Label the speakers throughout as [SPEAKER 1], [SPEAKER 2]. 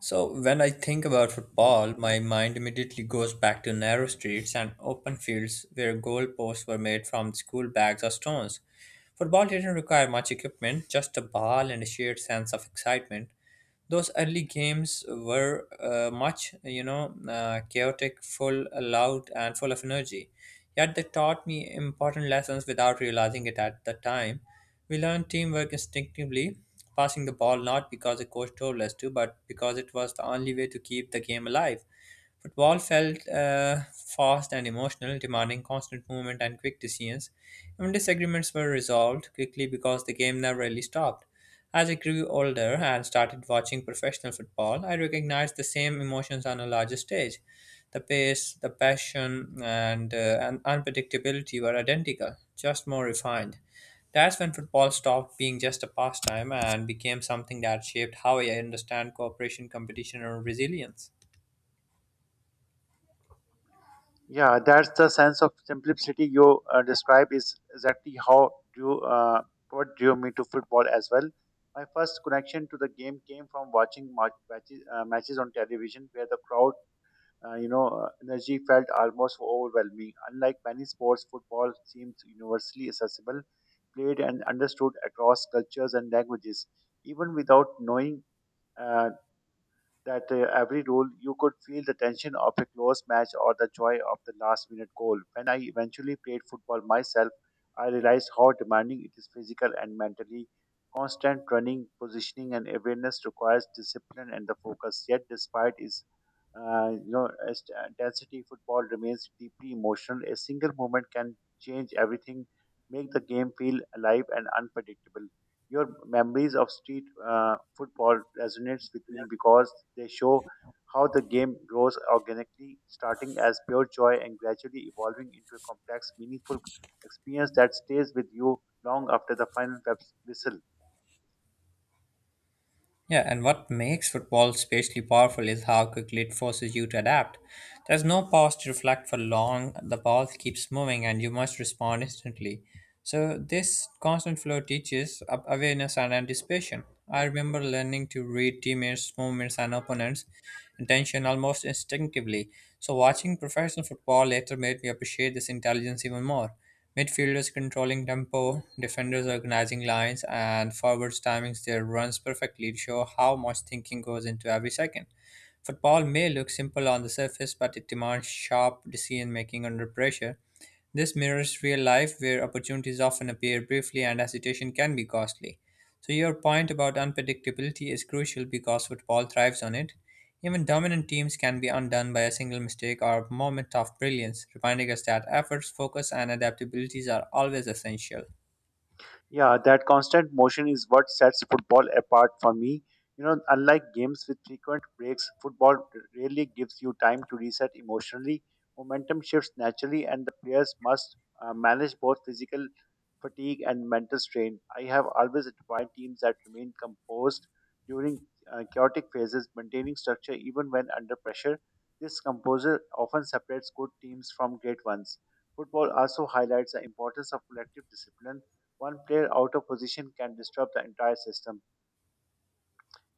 [SPEAKER 1] So when I think about football, my mind immediately goes back to narrow streets and open fields where goalposts were made from school bags or stones. Football didn't require much equipment, just a ball and a shared sense of excitement. Those early games were much, chaotic, full, loud, and full of energy. Yet they taught me important lessons without realizing it at the time. We learned teamwork instinctively, passing the ball not because the coach told us to, but because it was the only way to keep the game alive. Football felt fast and emotional, demanding constant movement and quick decisions. Even disagreements were resolved quickly because the game never really stopped. As I grew older and started watching professional football, I recognized the same emotions on a larger stage. The pace, the passion, and unpredictability were identical, just more refined. That's when football stopped being just a pastime and became something that shaped how I understand cooperation, competition, and resilience.
[SPEAKER 2] Yeah, that's the sense of simplicity you describe is exactly how drew what drew me to football as well. My first connection to the game came from watching matches on television, where the crowd, energy felt almost overwhelming. Unlike many sports, football seems universally accessible, played and understood across cultures and languages, even without knowing. Uh, that Every roll you could feel the tension of a close match or the joy of the last minute goal. When I eventually played football myself, I realized how demanding it is physical and mentally. Constant running, positioning, and awareness requires discipline and the focus. Yet, despite its you know, as intensity football remains deeply emotional. A single moment can change everything, make the game feel alive and unpredictable. Your memories of street football resonates with me because they show how the game grows organically, starting as pure joy and gradually evolving into a complex, meaningful experience that stays with you long after the final whistle.
[SPEAKER 1] Yeah, and what makes football especially powerful is how quickly it forces you to adapt. There's no pause to reflect for long, the ball keeps moving, and you must respond instantly. So, this constant flow teaches awareness and anticipation. I remember learning to read teammates, movements, and opponents' intention almost instinctively. So, watching professional football later made me appreciate this intelligence even more. Midfielders controlling tempo, defenders organizing lines, and forwards timing their runs perfectly to show how much thinking goes into every second. Football may look simple on the surface, but it demands sharp decision making under pressure. This mirrors real life, where opportunities often appear briefly and hesitation can be costly. So, your point about unpredictability is crucial because football thrives on it. Even dominant teams can be undone by a single mistake or moment of brilliance, reminding us that efforts, focus, and adaptabilities are always essential.
[SPEAKER 2] Yeah, that constant motion is what sets football apart for me. You know, unlike games with frequent breaks, football rarely gives you time to reset emotionally. Momentum shifts naturally, and the players must manage both physical fatigue and mental strain. I have always admired teams that remain composed during chaotic phases, maintaining structure even when under pressure. This composure often separates good teams from great ones. Football also highlights the importance of collective discipline. One player out of position can disrupt the entire system,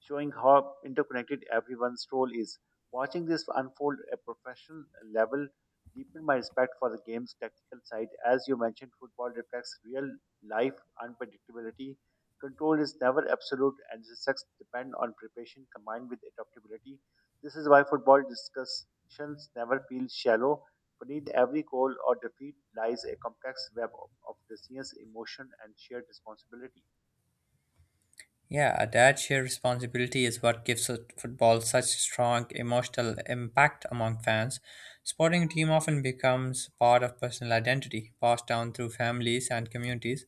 [SPEAKER 2] showing how interconnected everyone's role is. Watching this unfold at professional level deepened my respect for the game's tactical side. As you mentioned, football reflects real life unpredictability. Control is never absolute, and the success depend on preparation combined with adaptability. This is why football discussions never feel shallow. Beneath every goal or defeat lies a complex web of decisions, emotion, and shared responsibility.
[SPEAKER 1] Yeah, that shared responsibility is what gives football such strong emotional impact among fans. Sporting team often becomes part of personal identity, passed down through families and communities.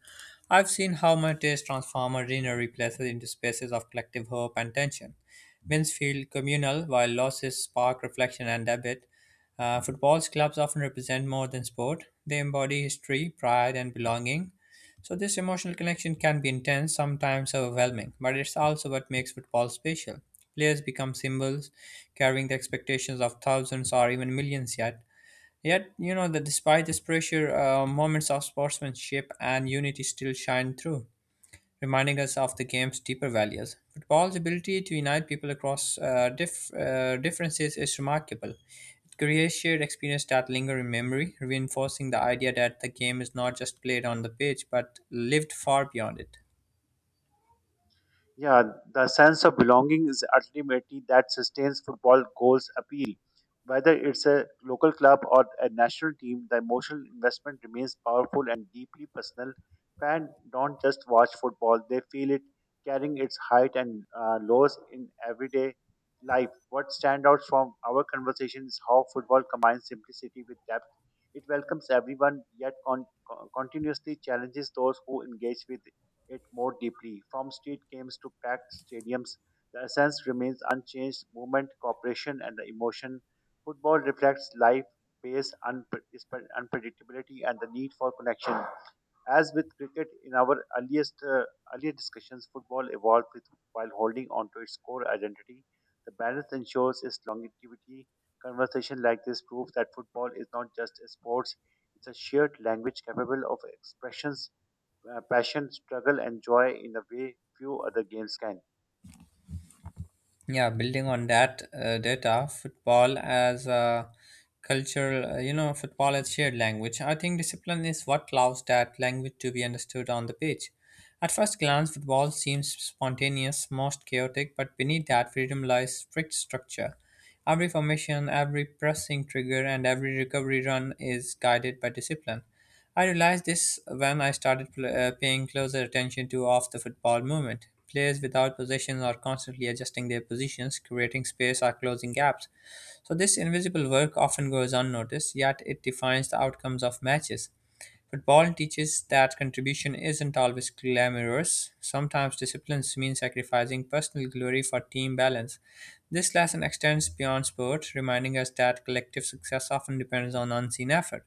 [SPEAKER 1] I've seen how much this transform ordinary places into spaces of collective hope and tension. Wins feel communal, while losses spark reflection and debate. Football's clubs often represent more than sport. They embody history, pride, and belonging. So, this emotional connection can be intense, sometimes overwhelming, but it's also what makes football special. Players become symbols, carrying the expectations of thousands or even millions yet. Yet, you know that despite this pressure, moments of sportsmanship and unity still shine through reminding us of the game's deeper values. Football's ability to unite people across differences is remarkable. It creates shared experiences that linger in memory, reinforcing the idea that the game is not just played on the pitch but lived far beyond it.
[SPEAKER 2] Yeah, the sense of belonging is ultimately that sustains football goals appeal. Whether it's a local club or a national team, the emotional investment remains powerful and deeply personal. Fans don't just watch football, they feel it carrying its height and lows in everyday life. What stands out from our conversation is how football combines simplicity with depth. It welcomes everyone, yet continuously challenges those who engage with it more deeply. From street games to packed stadiums, the essence remains unchanged movement, cooperation, and the emotion. Football reflects life, pace, unpredictability, and the need for connection. As with cricket, in our earliest earlier discussions, football evolved with, while holding on to its core identity. The balance ensures its longevity. Conversation like this proves that football is not just a sport, it's a shared language capable of expressions passion, struggle, and joy in a way few other games can.
[SPEAKER 1] Yeah, building on that data football as a cultural, football as shared language, I think discipline is what allows that language to be understood on the pitch. At first glance football seems spontaneous, most chaotic, but beneath that freedom lies strict structure. Every formation, every pressing trigger, and every recovery run is guided by discipline. I realized this when I started paying closer attention to off the football movement. Players without possessions are constantly adjusting their positions, creating space or closing gaps. So, this invisible work often goes unnoticed, yet it defines the outcomes of matches. Football teaches that contribution isn't always glamorous. Sometimes disciplines mean sacrificing personal glory for team balance. This lesson extends beyond sport, reminding us that collective success often depends on unseen effort.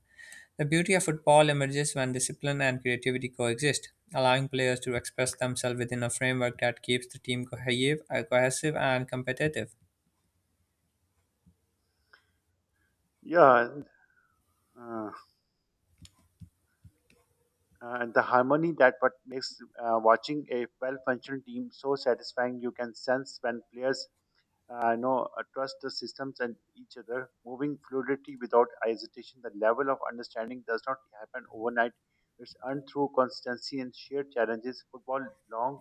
[SPEAKER 1] The beauty of football emerges when discipline and creativity coexist, allowing players to express themselves within a framework that keeps the team cohesive and competitive.
[SPEAKER 2] Yeah, and, uh, and the harmony that what makes watching a well-functioning team so satisfying. You can sense when players trust the systems and each other, moving fluidity without hesitation. The level of understanding does not happen overnight. It's earned through consistency and shared challenges. Football long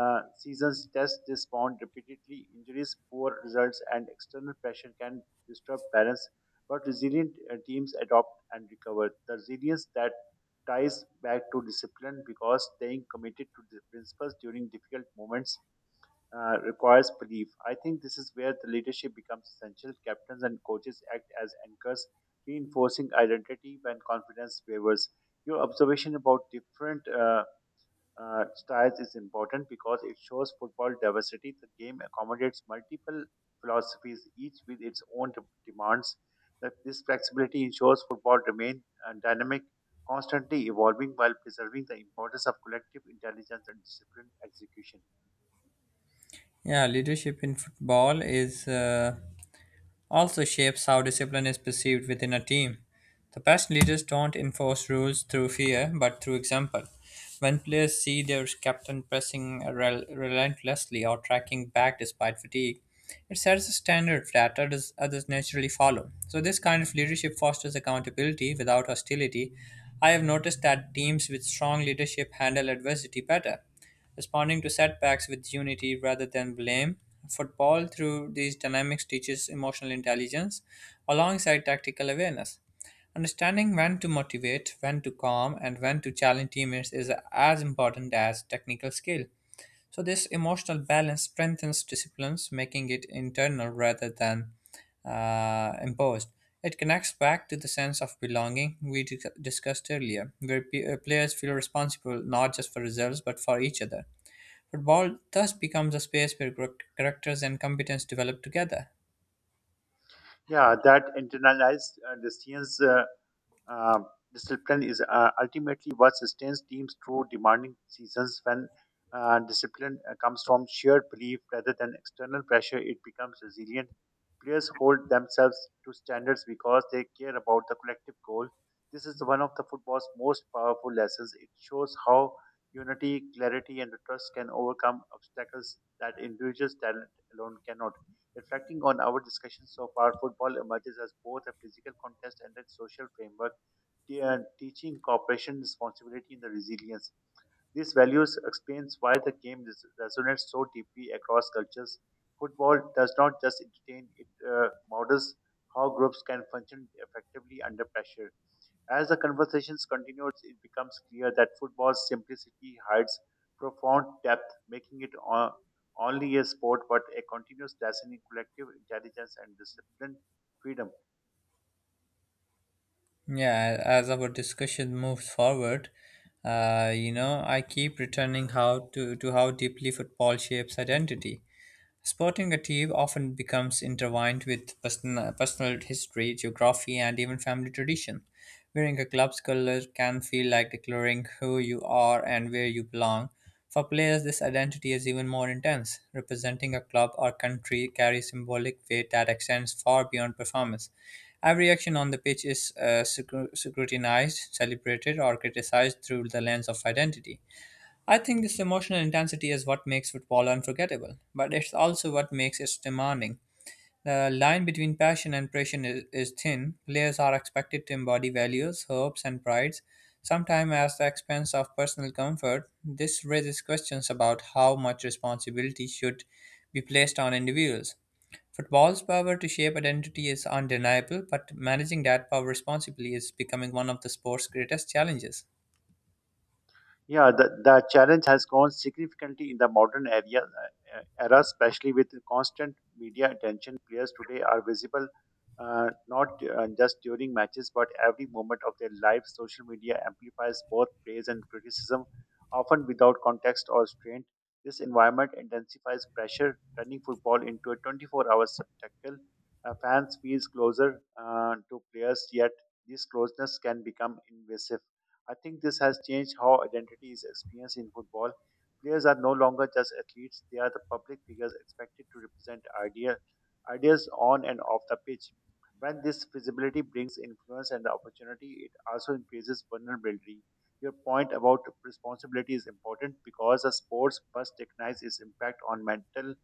[SPEAKER 2] uh, seasons test this bond repeatedly. Injuries, poor results, and external pressure can disturb balance. But resilient teams adopt and recover. The resilience that ties back to discipline because staying committed to the principles during difficult moments requires belief. I think this is where the leadership becomes essential. Captains and coaches act as anchors, reinforcing identity when confidence wavers. Your observation about different styles is important because it shows football diversity. The game accommodates multiple philosophies, each with its own demands. That this flexibility ensures football remains dynamic, constantly evolving while preserving the importance of collective intelligence and disciplined execution.
[SPEAKER 1] Yeah, leadership in football is also shapes how discipline is perceived within a team. The best leaders don't enforce rules through fear, but through example. When players see their captain pressing relentlessly or tracking back despite fatigue, it sets a standard that others naturally follow. So, this kind of leadership fosters accountability without hostility. I have noticed that teams with strong leadership handle adversity better. Responding to setbacks with unity rather than blame, football through these dynamics teaches emotional intelligence alongside tactical awareness. Understanding when to motivate, when to calm, and when to challenge teammates is as important as technical skill. So, this emotional balance strengthens disciplines, making it internal rather than imposed. It connects back to the sense of belonging we discussed earlier, where players feel responsible not just for results but for each other. Football thus becomes a space where characters and competence develop together.
[SPEAKER 2] Yeah, that internalized decisions. Um, Discipline is ultimately what sustains teams through demanding seasons. When discipline comes from shared belief rather than external pressure, it becomes resilient. Players hold themselves to standards because they care about the collective goal. This is one of the football's most powerful lessons. It shows how unity, clarity, and trust can overcome obstacles that individuals' talent alone cannot. Reflecting on our discussion so far, football emerges as both a physical contest and a social framework teaching cooperation, responsibility, and the resilience. These values explains why the game resonates so deeply across cultures. Football does not just entertain; it models how groups can function effectively under pressure. As the conversations continues, it becomes clear that football's simplicity hides profound depth, making it only a sport but a continuous lesson in collective intelligence and disciplined freedom.
[SPEAKER 1] Yeah, as our discussion moves forward, I keep returning how to how deeply football shapes identity. Sporting a team often becomes intertwined with personal history, geography, and even family tradition. Wearing a club's colors can feel like declaring who you are and where you belong. For players, this identity is even more intense. Representing a club or country carries symbolic weight that extends far beyond performance. Every action on the pitch is scrutinized, celebrated, or criticized through the lens of identity. I think this emotional intensity is what makes football unforgettable, but it's also what makes it demanding. The line between passion and passion is thin. Players are expected to embody values, hopes, and prides, sometimes at the expense of personal comfort. This raises questions about how much responsibility should be placed on individuals. Football's power to shape identity is undeniable, but managing that power responsibly is becoming one of the sport's greatest challenges.
[SPEAKER 2] Yeah, the challenge has grown significantly in the modern era, especially with constant media attention. Players today are visible not just during matches, but every moment of their lives. Social media amplifies both praise and criticism, often without context or restraint. This environment intensifies pressure, turning football into a 24-hour spectacle. Fans feel closer to players, yet this closeness can become invasive. I think this has changed how identity is experienced in football. Players are no longer just athletes, they are the public figures expected to represent ideas on and off the pitch. When this visibility brings influence and the opportunity, it also increases vulnerability. Your point about responsibility is important because a sports must recognize its impact on mental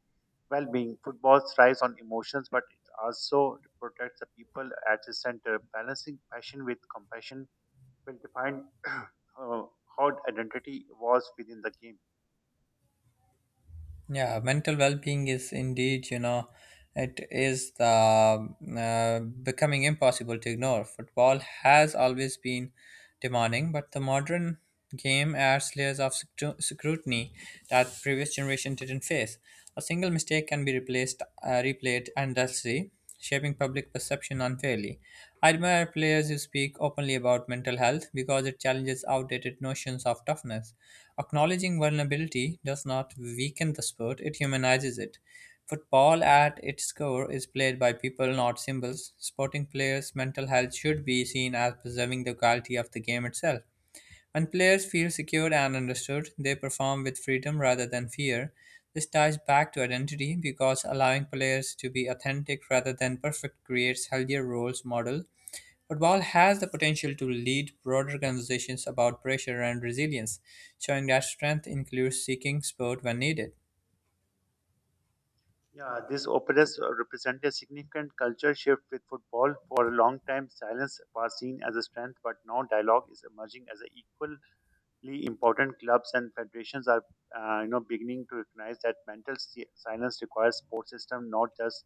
[SPEAKER 2] well being. Football thrives on emotions, but it also protects the people at its center, balancing passion with compassion will define how identity was within the game.
[SPEAKER 1] Yeah, mental well-being is indeed, it is the becoming impossible to ignore. Football has always been demanding, but the modern game adds layers of scrutiny that previous generation didn't face. A single mistake can be replayed endlessly, shaping public perception unfairly. I admire players who speak openly about mental health because it challenges outdated notions of toughness. Acknowledging vulnerability does not weaken the sport, it humanizes it. Football at its core is played by people, not symbols. Sporting players' mental health should be seen as preserving the quality of the game itself. When players feel secured and understood, they perform with freedom rather than fear. This ties back to identity because allowing players to be authentic rather than perfect creates healthier roles model. Football has the potential to lead broader conversations about pressure and resilience, showing that strength includes seeking support when needed.
[SPEAKER 2] Yeah, these operas represent a significant culture shift with football. For a long time, silence was seen as a strength, but now dialogue is emerging as an equally important. Clubs and federations are, beginning to recognize that mental silence requires sports system, not just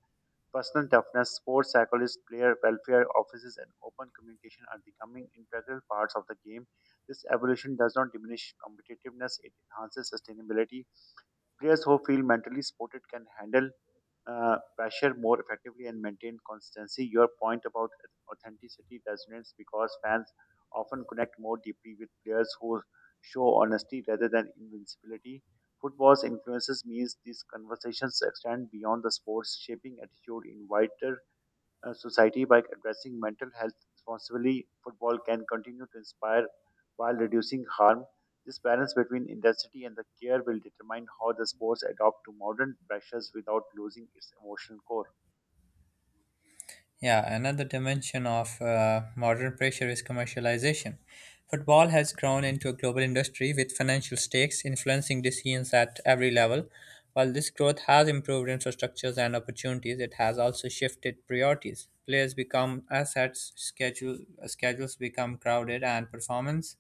[SPEAKER 2] personal toughness, sports psychologists, player welfare offices, and open communication are becoming integral parts of the game. This evolution does not diminish competitiveness, it enhances sustainability. Players who feel mentally supported can handle pressure more effectively and maintain consistency. Your point about authenticity resonates because fans often connect more deeply with players who show honesty rather than invincibility. Football's influences means these conversations extend beyond the sports, shaping attitude in wider society by addressing mental health responsibly, football can continue to inspire while reducing harm. This balance between intensity and the care will determine how the sports adapt to modern pressures without losing its emotional core.
[SPEAKER 1] Yeah, another dimension of modern pressure is commercialization. Football has grown into a global industry with financial stakes influencing decisions at every level. While this growth has improved infrastructures and opportunities, it has also shifted priorities. Players become assets, schedules become crowded, and performance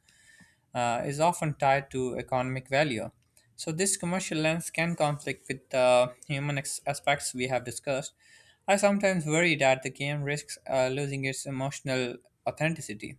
[SPEAKER 1] is often tied to economic value. So, this commercial lens can conflict with the human aspects we have discussed. I sometimes worry that the game risks losing its emotional authenticity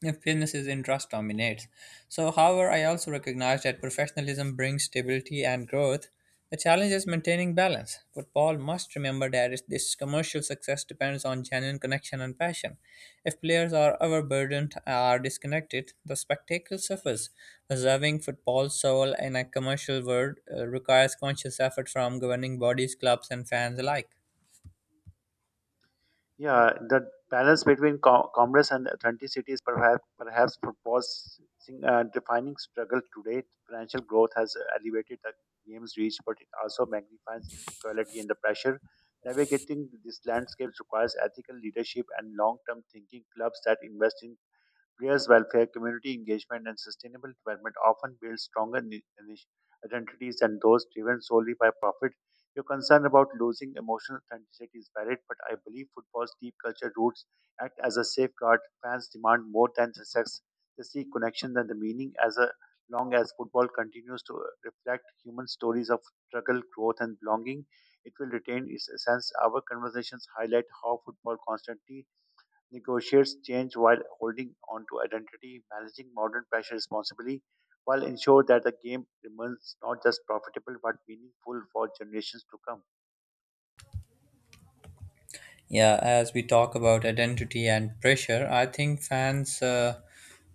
[SPEAKER 1] if business's interest dominates. So, however, I also recognize that professionalism brings stability and growth. The challenge is maintaining balance. Football must remember that this commercial success depends on genuine connection and passion. If players are overburdened or disconnected, the spectacle suffers. Preserving football's soul in a commercial world requires conscious effort from governing bodies, clubs, and fans alike.
[SPEAKER 2] Yeah, the balance between commerce and authenticity is perhaps proposing defining struggle today. Financial growth has elevated the game's reach, but it also magnifies inequality and the pressure. Navigating this landscape requires ethical leadership and long-term thinking. Clubs that invest in players' welfare, community engagement, and sustainable development often build stronger identities than those driven solely by profit. Your concern about losing emotional authenticity is valid, but I believe football's deep culture roots act as a safeguard. Fans demand more than the success; they seek connection than the meaning. As a, long as football continues to reflect human stories of struggle, growth, and belonging, it will retain its essence. Our conversations highlight how football constantly negotiates change while holding on to identity, managing modern pressure responsibly, while ensure that the game remains not just profitable but meaningful for generations to come.
[SPEAKER 1] Yeah, as we talk about identity and pressure, I think fans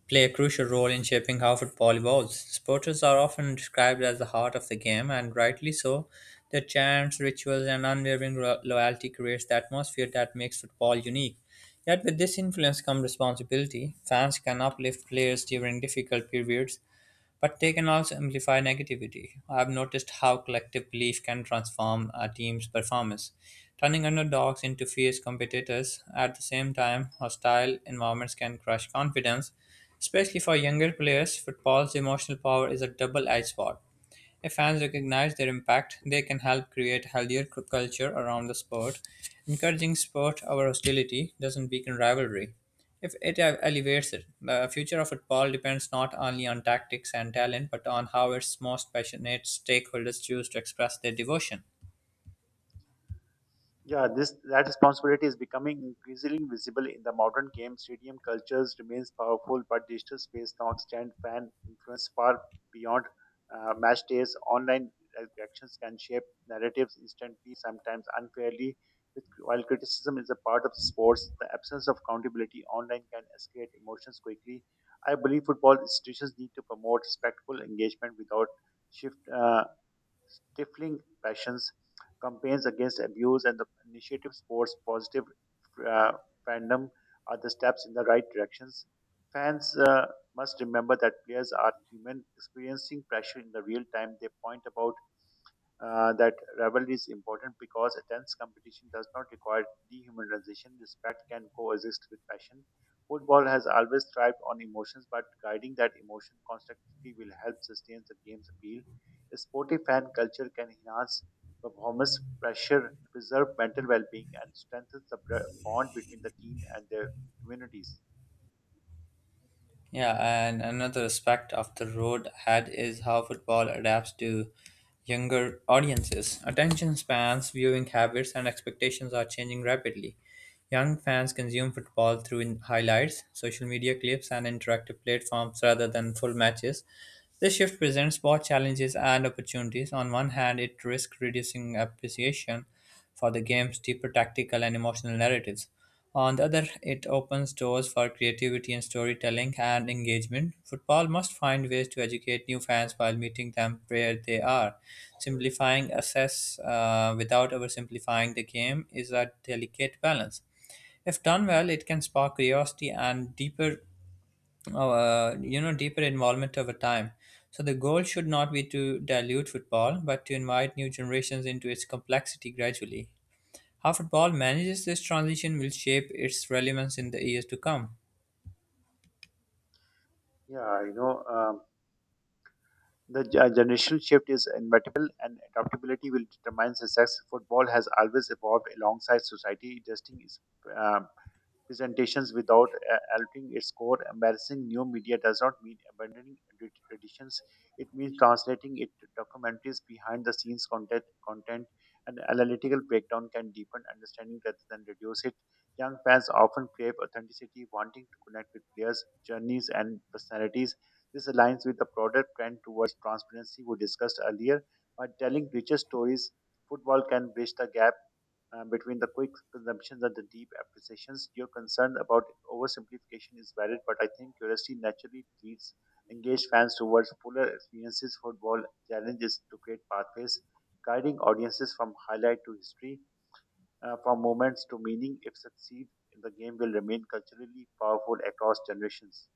[SPEAKER 1] play a crucial role in shaping how football evolves. Supporters are often described as the heart of the game, and rightly so. Their chants, rituals, and unwavering loyalty creates the atmosphere that makes football unique. Yet, with this influence comes responsibility. Fans can uplift players during difficult periods, but they can also amplify negativity. I've noticed how collective belief can transform a team's performance, turning underdogs into fierce competitors. At the same time, hostile environments can crush confidence, especially for younger players. Football's emotional power is a double edged sword. If fans recognize their impact, they can help create healthier culture around the sport. Encouraging sport over hostility doesn't weaken rivalry. If it elevates it, the future of football depends not only on tactics and talent, but on how its most passionate stakeholders choose to express their devotion.
[SPEAKER 2] Yeah, this that responsibility is becoming increasingly visible in the modern game. Stadium cultures remains powerful, but digital space now extend fan influence far beyond match days. Online reactions can shape narratives instantly, sometimes unfairly. With, while criticism is a part of sports, the absence of accountability online can escalate emotions quickly. I believe football institutions need to promote respectful engagement without shift. Stifling passions, campaigns against abuse, and the initiative sports positive uh, fandom are the steps in the right directions. Fans must remember that players are human, experiencing pressure in the real time. They point about that rivalry is important because intense competition does not require dehumanization. Respect can coexist with passion. Football has always thrived on emotions, but guiding that emotion constructively will help sustain the game's appeal. A sportive fan culture can enhance performance, pressure, preserve mental well-being, and strengthen the bond between the team and their communities.
[SPEAKER 1] Yeah, and another aspect of the road ahead is how football adapts to younger audiences. Attention spans, viewing habits, and expectations are changing rapidly. Young fans consume football through highlights, social media clips, and interactive platforms rather than full matches. This shift presents both challenges and opportunities. On one hand, it risks reducing appreciation for the game's deeper tactical and emotional narratives. On the other, it opens doors for creativity in storytelling and engagement. Football must find ways to educate new fans while meeting them where they are. Simplifying assess without oversimplifying the game is a delicate balance. If done well, it can spark curiosity and deeper oh, you know, deeper involvement over time. So the goal should not be to dilute football, but to invite new generations into its complexity gradually. How football manages this transition will shape its relevance in the years to come.
[SPEAKER 2] Yeah, you know. The generational shift is inevitable, and adaptability will determine success. Football has always evolved alongside society, adjusting its uh, presentations without altering its core. Embarrassing new media does not mean abandoning traditions. It means translating it to documentaries behind the scenes content and analytical breakdown can deepen understanding rather than reduce it. Young fans often crave authenticity, wanting to connect with players, journeys, and personalities. This aligns with the broader trend towards transparency we discussed earlier. By telling richer stories, football can bridge the gap between the quick consumptions and the deep appreciations. Your concern about oversimplification is valid, but I think curiosity naturally leads engaged fans towards fuller experiences. Football challenges to create pathways, guiding audiences from highlight to history, from moments to meaning. If succeed, the game will remain culturally powerful across generations.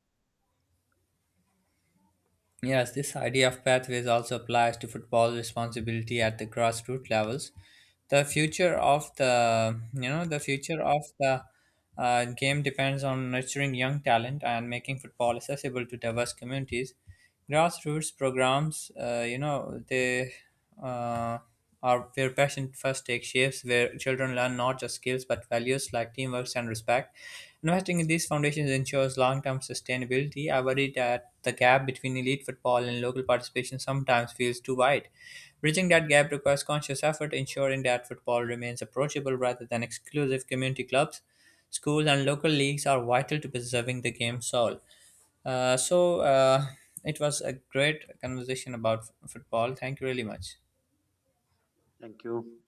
[SPEAKER 1] Yes, this idea of pathways also applies to football responsibility at the grassroots levels. The future of the game depends on nurturing young talent and making football accessible to diverse communities. Grassroots programs, you know, they uh, are where passion first takes shapes, where children learn not just skills but values like teamwork and respect. Investing in these foundations ensures long-term sustainability. I worry that the gap between elite football and local participation sometimes feels too wide. Bridging that gap requires conscious effort, ensuring that football remains approachable rather than exclusive community clubs. Schools and local leagues are vital to preserving the game's soul. So it was a great conversation about football. Thank you really much.
[SPEAKER 2] Thank you.